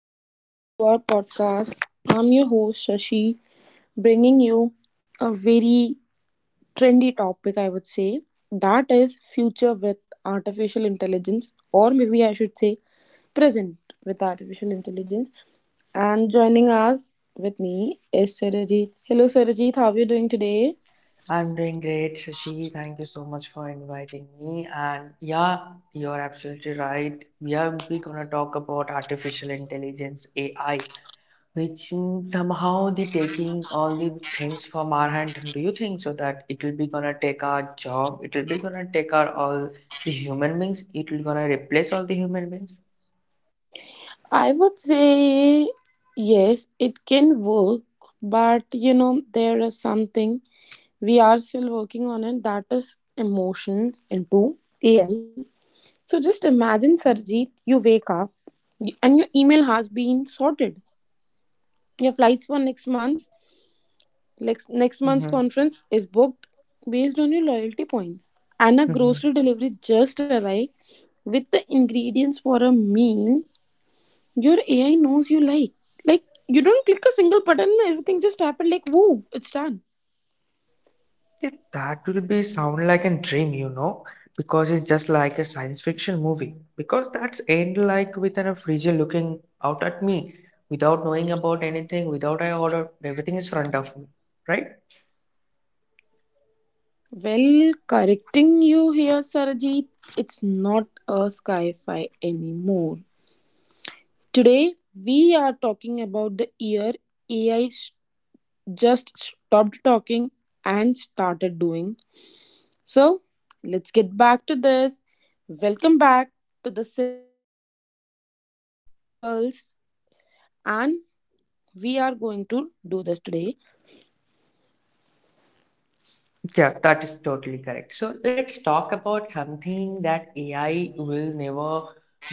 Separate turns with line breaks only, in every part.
everyone to our podcast. I'm your host Shashi, bringing you a very trendy topic, I would say, that is future with artificial intelligence, or maybe I should say present with artificial intelligence. And joining us with me is Sarajit. Hello Sarajit, how are you doing today?
I'm doing great, Shashi. Thank you so much for inviting me. And yeah, you're absolutely right. We gonna talk about artificial intelligence AI, which somehow the taking all the things from our hand. Do you think so that it will be gonna take our job? It will be gonna take our all the human beings. It will gonna replace all the human beings.
I would say yes, it can work, but you know, there is something we are still working on it, that is emotions into AI. So just imagine, Sarjeet, you wake up and your email has been sorted, your flights for next month's
Mm-hmm.
conference is booked based on your loyalty points, and a grocery delivery just arrived with the ingredients for a meal your AI knows you like. Like, you don't click a single button, everything just happened. Like, woo, it's done.
Yeah, that will be sound like a dream, you know, because it's just like a science fiction movie. Because that's end like with an freezer looking out at me without knowing about anything, without I order, everything is front of me, right?
Well, correcting you here, Sarajit, it's not a sci fi anymore. Today, we are talking about the year AI just stopped talking and started doing. So, let's get back to this. Welcome back to the Silicon Pulse, and we are going to do this today.
Yeah, that is totally correct. So let's talk about something that AI will never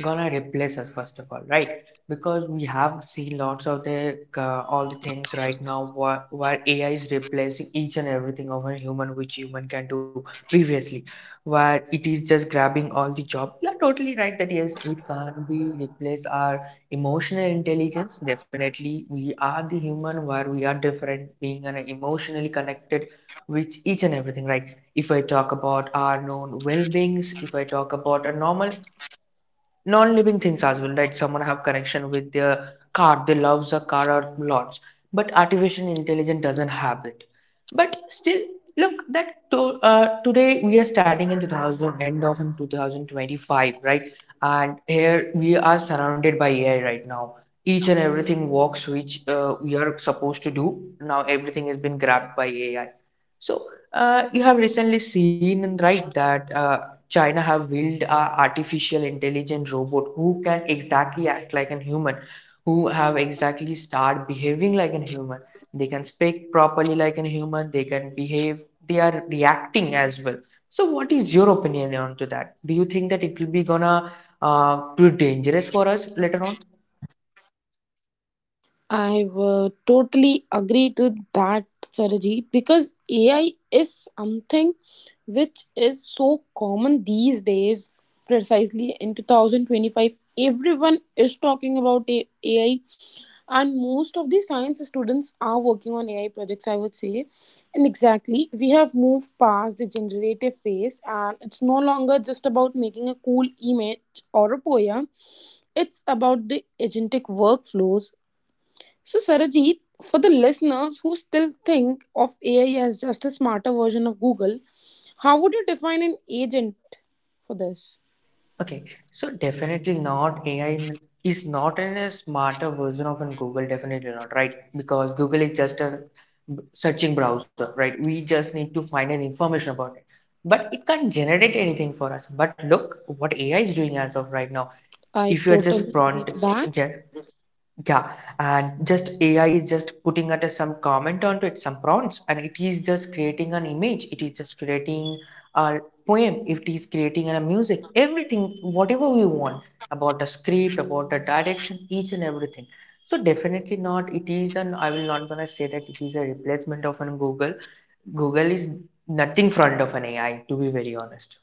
gonna replace us first of all, right? Because we have seen lots of the all the things right now where AI is replacing each and everything of a human which human can do previously, where it is just grabbing all the job. You are totally right that yes, it can be replace our emotional intelligence. Definitely, we are the human where we are different, being an emotionally connected which each and everything, right? If I talk about our known well beings, if I talk about a normal non living things as well, right, someone have connection with their car, they loves the car or lots, but artificial intelligence doesn't have it. But still look that to, today we are starting in 2000, end of in 2025, right? And here we are surrounded by ai right now. Each and everything works which we are supposed to do now, everything has been grabbed by ai. So, you have recently seen, right, that China have built a artificial intelligent robot who can exactly act like a human, who have exactly start behaving like a human. They can speak properly like a human. They can behave. They are reacting as well. So, what is your opinion on to that? Do you think that it will be gonna too dangerous for us later on?
I would totally agree to that, Sarajit, because AI is something which is so common these days. Precisely in 2025, everyone is talking about AI, and most of the science students are working on AI projects, I would say. And exactly, we have moved past the generative phase, and it's no longer just about making a cool image or a poem, it's about the agentic workflows. So, Sarajit, for the listeners who still think of AI as just a smarter version of Google, how would you define an agent for this?
Okay, so definitely not AI is not a smarter version of an Google, definitely not, right? Because Google is just a searching browser, right? We just need to find an information about it. But it can't generate anything for us. But look what AI is doing as of right now.
I
If you are just
totally agree
prompt,
to that.
yes, yeah, and just AI is just putting at some comment onto it, some prompts, and it is just creating an image. It is just creating a poem. It is creating a music. Everything, whatever we want about a script, about a direction, each and everything. So definitely not. It is an. I will not gonna say that it is a replacement of an Google. Google is nothing front of an AI. To be very honest.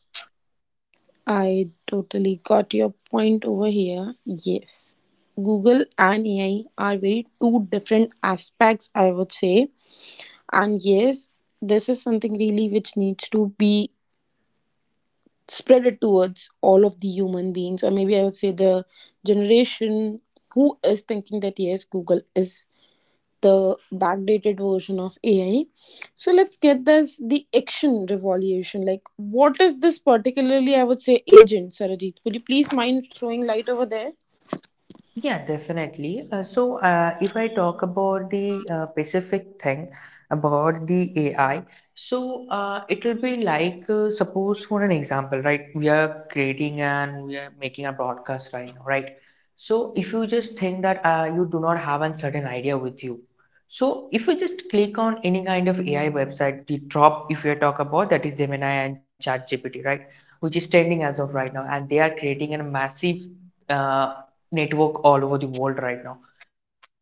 I totally got your point over here. Yes. Google and AI are very two different aspects, I would say. And yes, this is something really which needs to be spread it towards all of the human beings, or maybe I would say the generation who is thinking that yes, Google is the backdated version of AI. So let's get this the action revolution. Like, what is this particularly, I would say, agent, Sarajit? Would you please mind throwing light over there?
Yeah, definitely. If I talk about the specific thing about the AI, so it will be like suppose for an example, right? We are creating and we are making a broadcast right now, right? So, if you just think that you do not have a certain idea with you, so if you just click on any kind of AI website, the top if you talk about that is Gemini and ChatGPT, right? Which is trending as of right now, and they are creating a massive uh, network all over the world right now. So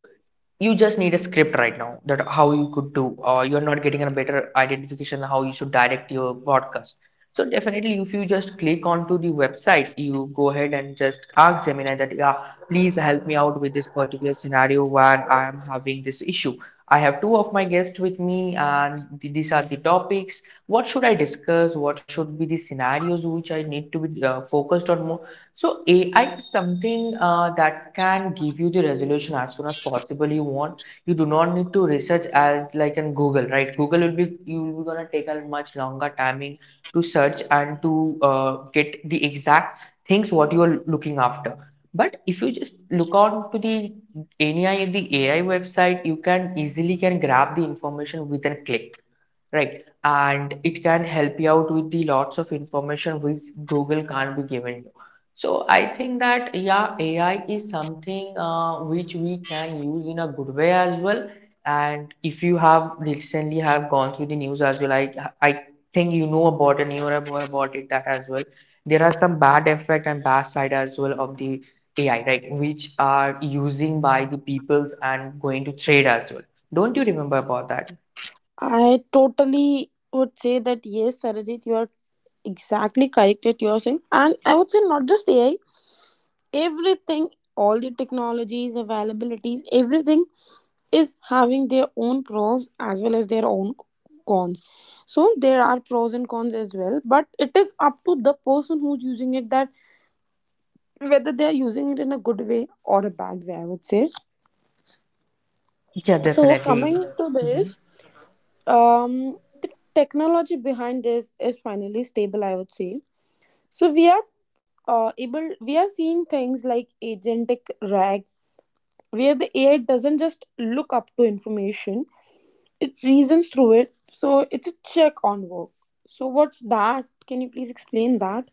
you just need a script right now that how you could do, or you're not getting a better identification how you should direct your broadcast. So definitely, if you just click onto the website, you go ahead and just ask Gemini that, yeah, please help me out with this particular scenario where I am having this issue. I have two of my guests with me, and these are the topics. What should I discuss, what should be the scenarios which I need to be focused on more. So ai is something that can give you the resolution as soon as possible you want. You do not need to research as like in google, right? Google will be, you will be gonna take a much longer timing to search and to get the exact things what you are looking after. But if you just look on to the any the ai website, you can easily can grab the information with a click, right? And it can help you out with the lots of information which Google can't be given you. So I think that yeah, AI is something which we can use in a good way as well. And if you have recently have gone through the news as well, I think you know about and you know more about it that as well. There are some bad effect and bad side as well of the AI, right? Which are using by the peoples and going to trade as well. Don't you remember about that?
I totally would say that yes, Sarajit, you are exactly correct at your saying, and I would say not just AI, everything, all the technologies availabilities, everything is having their own pros as well as their own cons. So there are pros and cons as well, but it is up to the person who's using it that whether they are using it in a good way or a bad way, I would say.
Yeah,
So
definitely.
coming to
Mhm.
this, the technology behind this is finally stable, I would say. So we are able, we are seeing things like agentic RAG, where the AI doesn't just look up to information, it reasons through it. So it's a check on work. So what's that? Can you please explain that?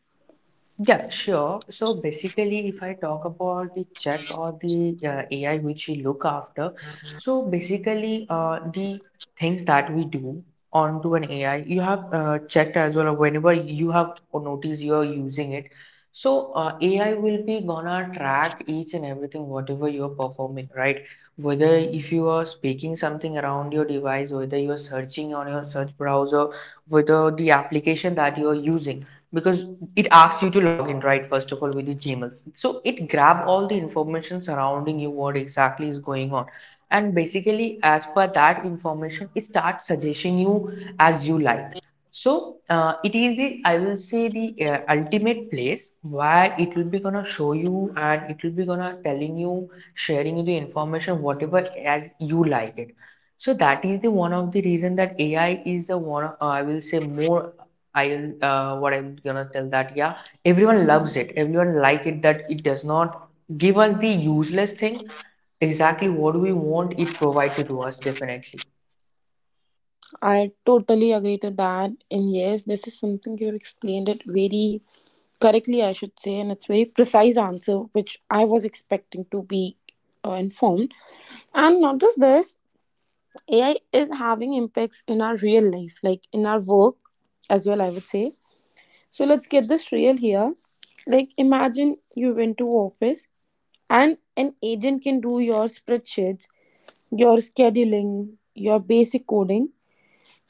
Yeah, sure. So basically, if I talk about the check or the AI which we look after, so basically, the things that we do onto an AI, you have checked as well, whenever you have noticed you are using it. So AI will be gonna track each and everything, whatever you're performing, right? Whether if you are speaking something around your device, whether you are searching on your search browser, with the application that you're using, because it asks you to log in right first of all with the gmails, so it grab all the information surrounding you, what exactly is going on. And basically as per that information it starts suggesting you as you like. So it is the, I will say the ultimate place where it will be gonna show you and it will be gonna telling you, sharing you the information whatever as you like it. So that is the one of the reason that AI is the one, I will say more, I'll what I'm gonna tell that yeah, everyone loves it, everyone like it, that it does not give us the useless thing, exactly what we want it provided to us definitely.
I totally agree to that. And yes, this is something you have explained it very correctly, I should say, and it's very precise answer which I was expecting to be informed. And not just this, AI is having impacts in our real life, like in our work as well, I would say. So let's get this real here. Like, imagine you went to office and an agent can do your spreadsheets, your scheduling, your basic coding.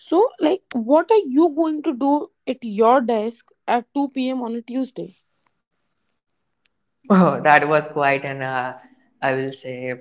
So, like, what are you going to do at your desk at 2 p.m. on a Tuesday?
That was quite an I will say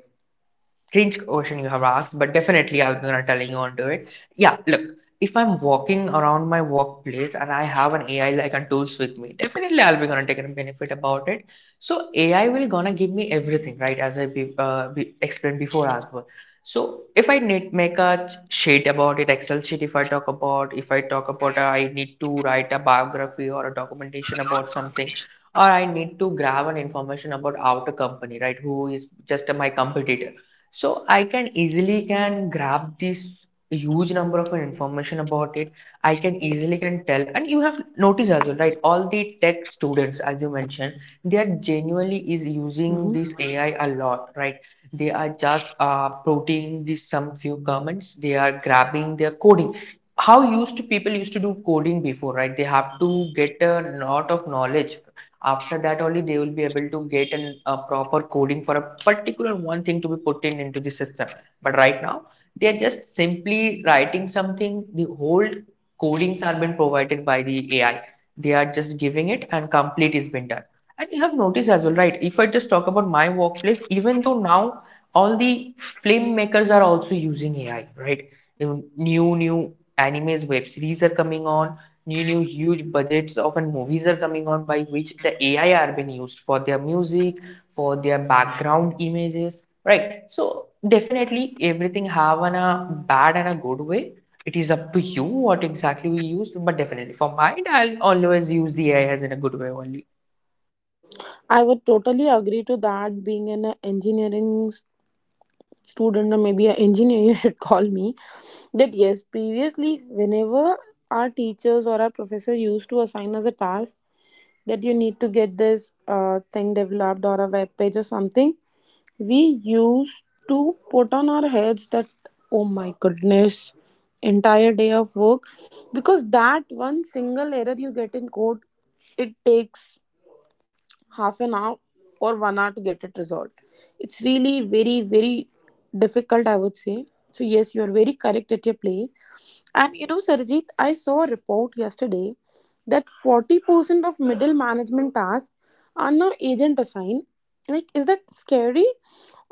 strange question you have asked, but definitely I'm gonna telling you onto it. Yeah, look, if I'm walking around my workplace and I have an AI like and tools with me, definitely I'll be gonna take a benefit about it. So AI will gonna give me everything, right? As I be explained before as well. So if I need make a sheet about it, Excel sheet, if I talk about, I need to write a biography or a documentation about something, or I need to grab an information about outer company, right? Who is just my competitor, so I can easily can grab this huge number of information about it. I can easily can tell, and you have noticed as well, right? All the tech students, as you mentioned, they are genuinely is using
Mhm.
this AI a lot, right? They are just putting this some few comments. They are grabbing their coding. How used to people used to do coding before, right? They have to get a lot of knowledge, after that only they will be able to get an, a proper coding for a particular one thing to be put in into the system. But right now they are just simply writing something, the whole codings are been provided by the ai, they are just giving it and complete is been done. And you have noticed as well, right, if I just talk about my workplace, even though now all the filmmakers are also using ai, right? New animes, web series are coming on, new huge budgets often movies are coming on, by which the ai are being used for their music, for their background images, right? So definitely everything have an a bad and a good way. It is up to you what exactly we use, but definitely for mine I'll always use the ai as in a good way only.
I would totally agree to that. Being an engineering student, or maybe an engineer, you should call me. That yes, previously, whenever our teachers or our professor used to assign us a task that you need to get this thing developed or a web page or something, we used to put on our heads that, oh my goodness, entire day of work, because that one single error you get in code, it takes half an hour or 1 hour to get it resolved. It's really very, very difficult, I would say. So, yes, you are very correct at your place, and you know, Sarjeet, I saw a report yesterday that 40% of middle management tasks are now agent assigned. Like, is that scary?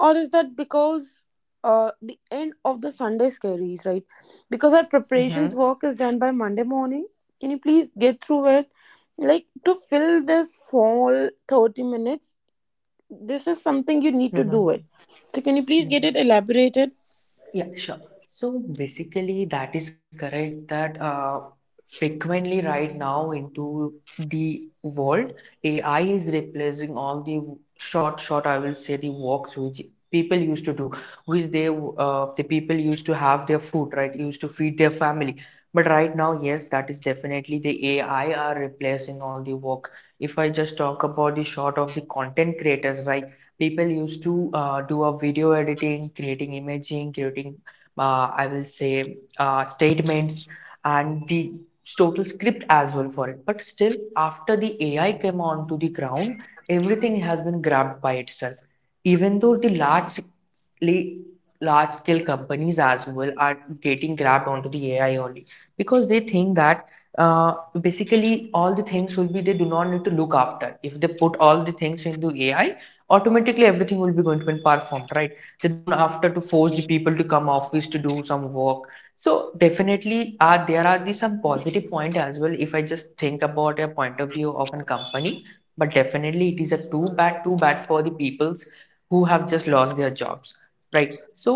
Or is that because the end of the Sunday scaries, right? Because our preparations
Mm-hmm.
work is done by Monday morning. Can you please get through it? Like, to fill this fall 30 minutes, this is something you need to do
Mm-hmm.
it. So, can you please get it elaborated?
Yeah, sure. So basically, that is correct that frequently right now into the world, AI is replacing all the short, I will say the walks which people used to do, which the people used to have their food, right? Used to feed their family. But right now, yes, that is definitely the AI are replacing all the work. If I just talk about the short of the content creators, right? People used to do a video editing, creating imaging, creating, I will say, statements and the total script as well for it. But still, after the AI came onto the ground, everything has been grabbed by itself. Even though the large scale companies as well are getting grabbed onto the AI only because they think that uh, basically all the things will be they do not need to look after if they put all the things into AI, automatically everything will be going to be performed, right? They don't have to force the people to come office to do some work. So definitely there are the some positive point as well if I just think about a point of view of a company. But definitely it is a too bad for the peoples who have just lost their jobs, right? So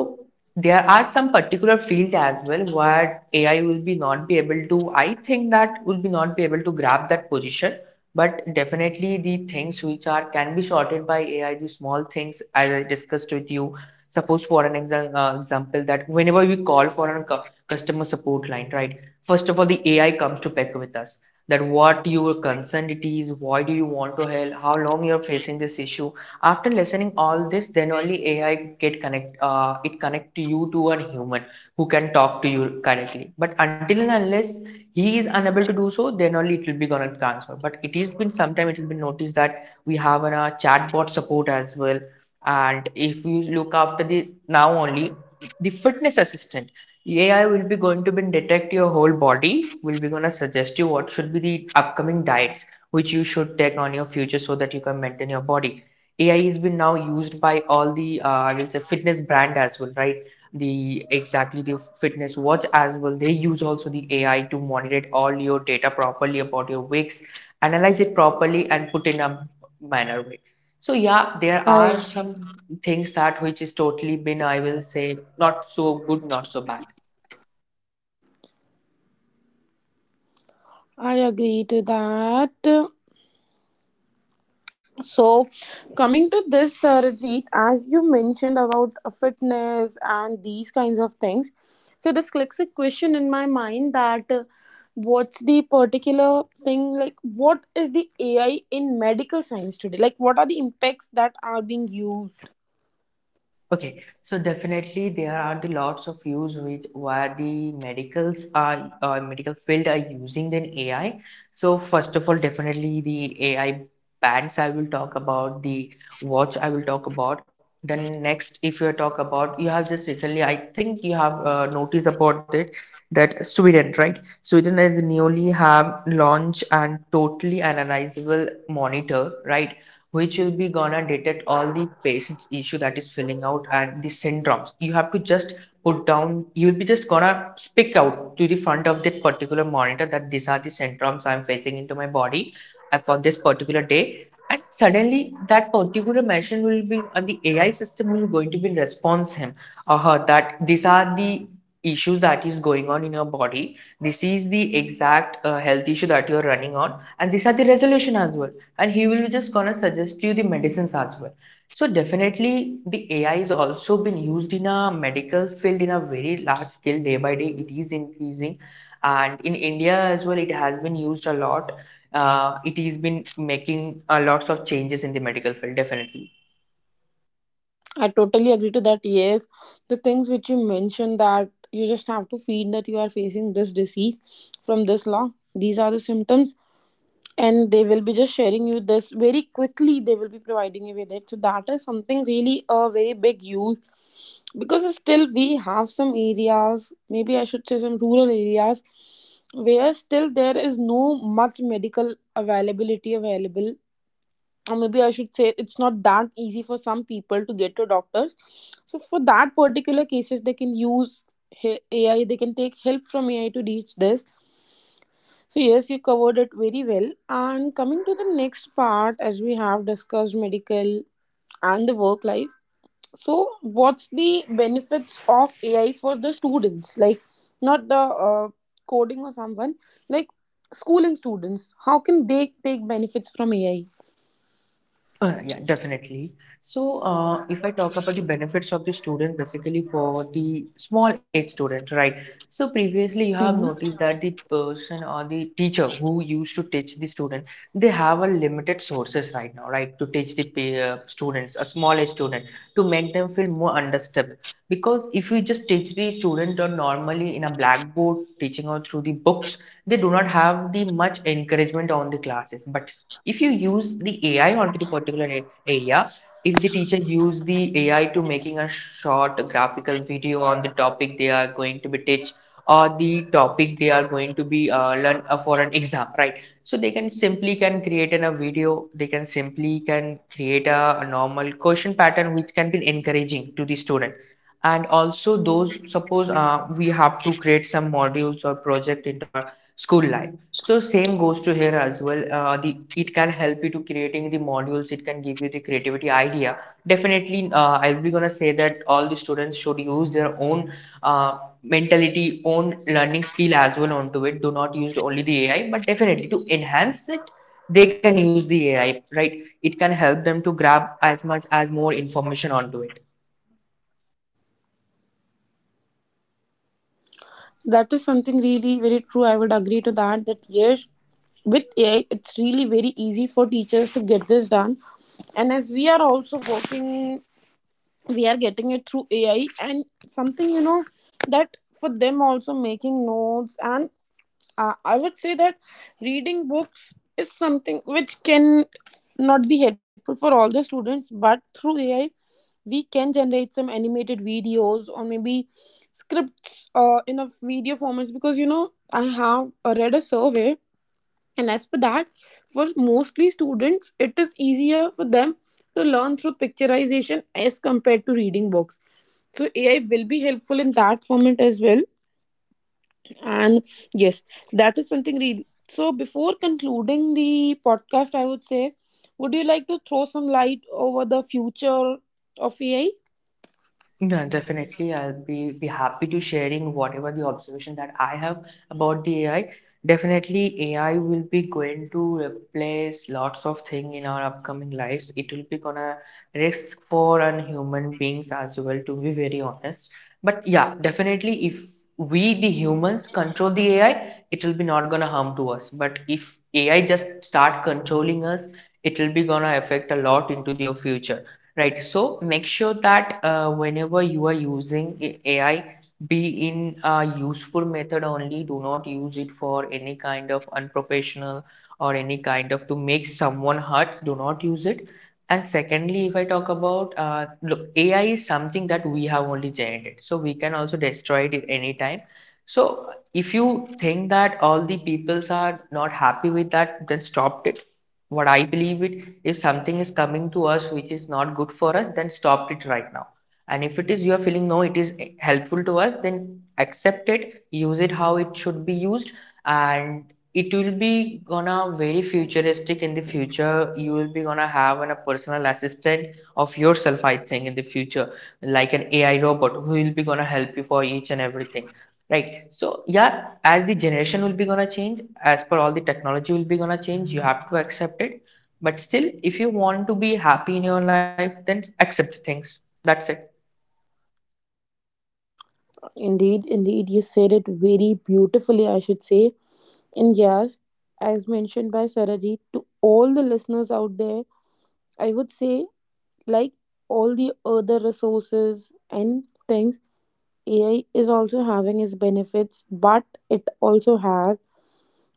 there are some particular fields as well where AI will be not be able to, I think that will be not be able to grab that position. But definitely the things which are can be sorted by AI, the small things as I discussed with you. Suppose for example that whenever we call for a customer support line, right? First of all, the AI comes to pick with us that what your concern it is, why do you want to help, how long you're facing this issue. After listening all this, then only AI get connect it connect to you to a human who can talk to you correctly. But until and unless he is unable to do so, then only it will be gonna cancel. But it has been sometime it has been noticed that we have a chatbot support as well. And if you look after the now only, the fitness assistant, AI will be going to be detect your whole body, will be gonna suggest you what should be the upcoming diets which you should take on your future so that you can maintain your body. AI has been now used by all the I will say fitness brand as well, right? The exactly the fitness watch as well. They use also the AI to monitor all your data properly about your weeks, analyze it properly, and put in a manner way. So yeah, there are
I
some things that which is totally been I will say not so good, not so bad.
I agree to that. So, coming to this, Rajit, as you mentioned about fitness and these kinds of things, so this clicks a question in my mind that, what's the particular thing, like what is the AI in medical science today? Like, what are the impacts that are being used?
Okay, so definitely there are the lots of use which where the medicals are medical field are using then AI. So first of all, definitely the AI bands I will talk about, the watch I will talk about. Then next, if you talk about, you have just recently, I think you have noticed about that that Sweden, right? Sweden has newly have launched and totally analyzable monitor, right? Which will be gonna detect all the patient's issue that is filling out and the syndromes. You have to just put down, you'll be just gonna speak out to the front of that particular monitor that these are the syndromes I'm facing into my body for this particular day. And suddenly that particular machine will be, and the AI system will going to be response him or her that these are the issues that is going on in your body, this is the exact health issue that you're running on, and these are the resolution as well, and he will just gonna suggest you the medicines as well. So definitely the AI is also been used in a medical field in a very large scale, day by day it is increasing. And in India as well it has been used a lot. It has been making a lots of changes in the medical field definitely.
I totally agree to that. Yes, the things which you mentioned, that you just have to feed that you are facing this disease from this long, these are the symptoms, and they will be just sharing you this very quickly, they will be providing you with it. So that is something really a very big use, because still we have some areas, maybe I should say some rural areas, where still there is no much medical availability available, or maybe I should say it's not that easy for some people to get to doctors. So for that particular cases, they can use AI, they can take help from AI to reach this. So, yes, you covered it very well. And coming to the next part, as we have discussed medical and the work life. So, what's the benefits of AI for the students? Like, not the coding or someone, like schooling students. How can they take benefits from AI?
Yeah, definitely. So, if I talk about the benefits of the student, basically for the small age student, right? So, previously you have
Mhm.
noticed that the person or the teacher who used to teach the student, they have a limited sources right now, right, to teach the students, a small age student, to make them feel more understood. Because if you just teach the student or normally in a blackboard teaching or through the books, they do not have the much encouragement on the classes. But if you use the AI onto the particular area, if the teacher use the AI to making a short graphical video on the topic they are going to be teach, or the topic they are going to be learn for an exam, right? So they can simply can create in a video, they can simply can create a normal question pattern which can be encouraging to the student. And also those, suppose we have to create some modules or project into our school life, so same goes to here as well. The it can help you to creating the modules, it can give you the creativity idea. Definitely I'll be gonna say that all the students should use their own mentality, own learning skill as well onto it. Do not use only the AI, but definitely to enhance that they can use the AI, right? It can help them to grab as much as more information onto it.
That is something really very true. I would agree to that. That yes, with AI, it's really very easy for teachers to get this done. And as we are also working, we are getting it through AI, and something, you know, that for them also, making notes and, I would say that, reading books is something which can not be helpful for all the students, but through AI we can generate some animated videos or maybe scripts in a video formats. Because you know, I have read a survey, and as for that, for mostly students, it is easier for them to learn through picturization as compared to reading books. So AI will be helpful in that format as well. And yes, that is something really. So before concluding the podcast, I would say, would you like to throw some light over the future of AI?
No, definitely. I'll be happy to sharing whatever the observation that I have about the AI. Definitely, AI will be going to replace lots of thing in our upcoming lives. It will be gonna risk for and human beings as well, to be very honest. But yeah, definitely, if we the humans control the AI, it will be not gonna harm to us. But if AI just start controlling us, it will be gonna affect a lot into your future. Right. So make sure that whenever you are using AI, be in a useful method only. Do not use it for any kind of unprofessional or any kind of to make someone hurt. Do not use it. And secondly, if I talk about look, AI is something that we have only generated, so we can also destroy it at any time. So if you think that all the peoples are not happy with that, then stop it. What I believe it, if something is coming to us which is not good for us, then stop it right now. And if it is you are feeling no, it is helpful to us, then accept it, use it how it should be used, and it will be gonna very futuristic in the future. You will be gonna have a personal assistant of yourself, I think, in the future, like an AI robot who will be gonna help you for each and everything. Right. So yeah, as the generation will be gonna change, as per all the technology will be gonna change, you have to accept it. But still, if you want to be happy in your life, then accept things. That's it.
Indeed, indeed, you said it very beautifully, I should say. And yes, as mentioned by Sarajit, to all the listeners out there, I would say, like all the other resources and things, AI is also having its benefits, but it also have,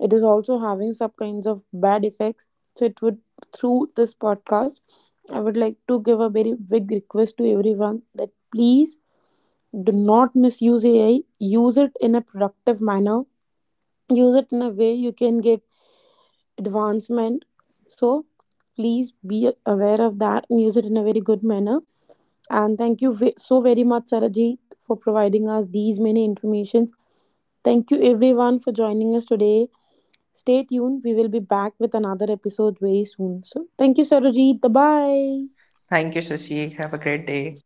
it is also having some kinds of bad effects. So it would, through this podcast, I would like to give a very big request to everyone that please do not misuse AI. Use it in a productive manner. Use it in a way you can get advancement. So please be aware of that and use it in a very good manner. And thank you so very much, Sarajit, for providing us these many informations. Thank you everyone for joining us today. Stay tuned. We will be back with another episode very soon. So thank you, Sarojit. Bye bye.
Thank you, Sushi. Have a great day.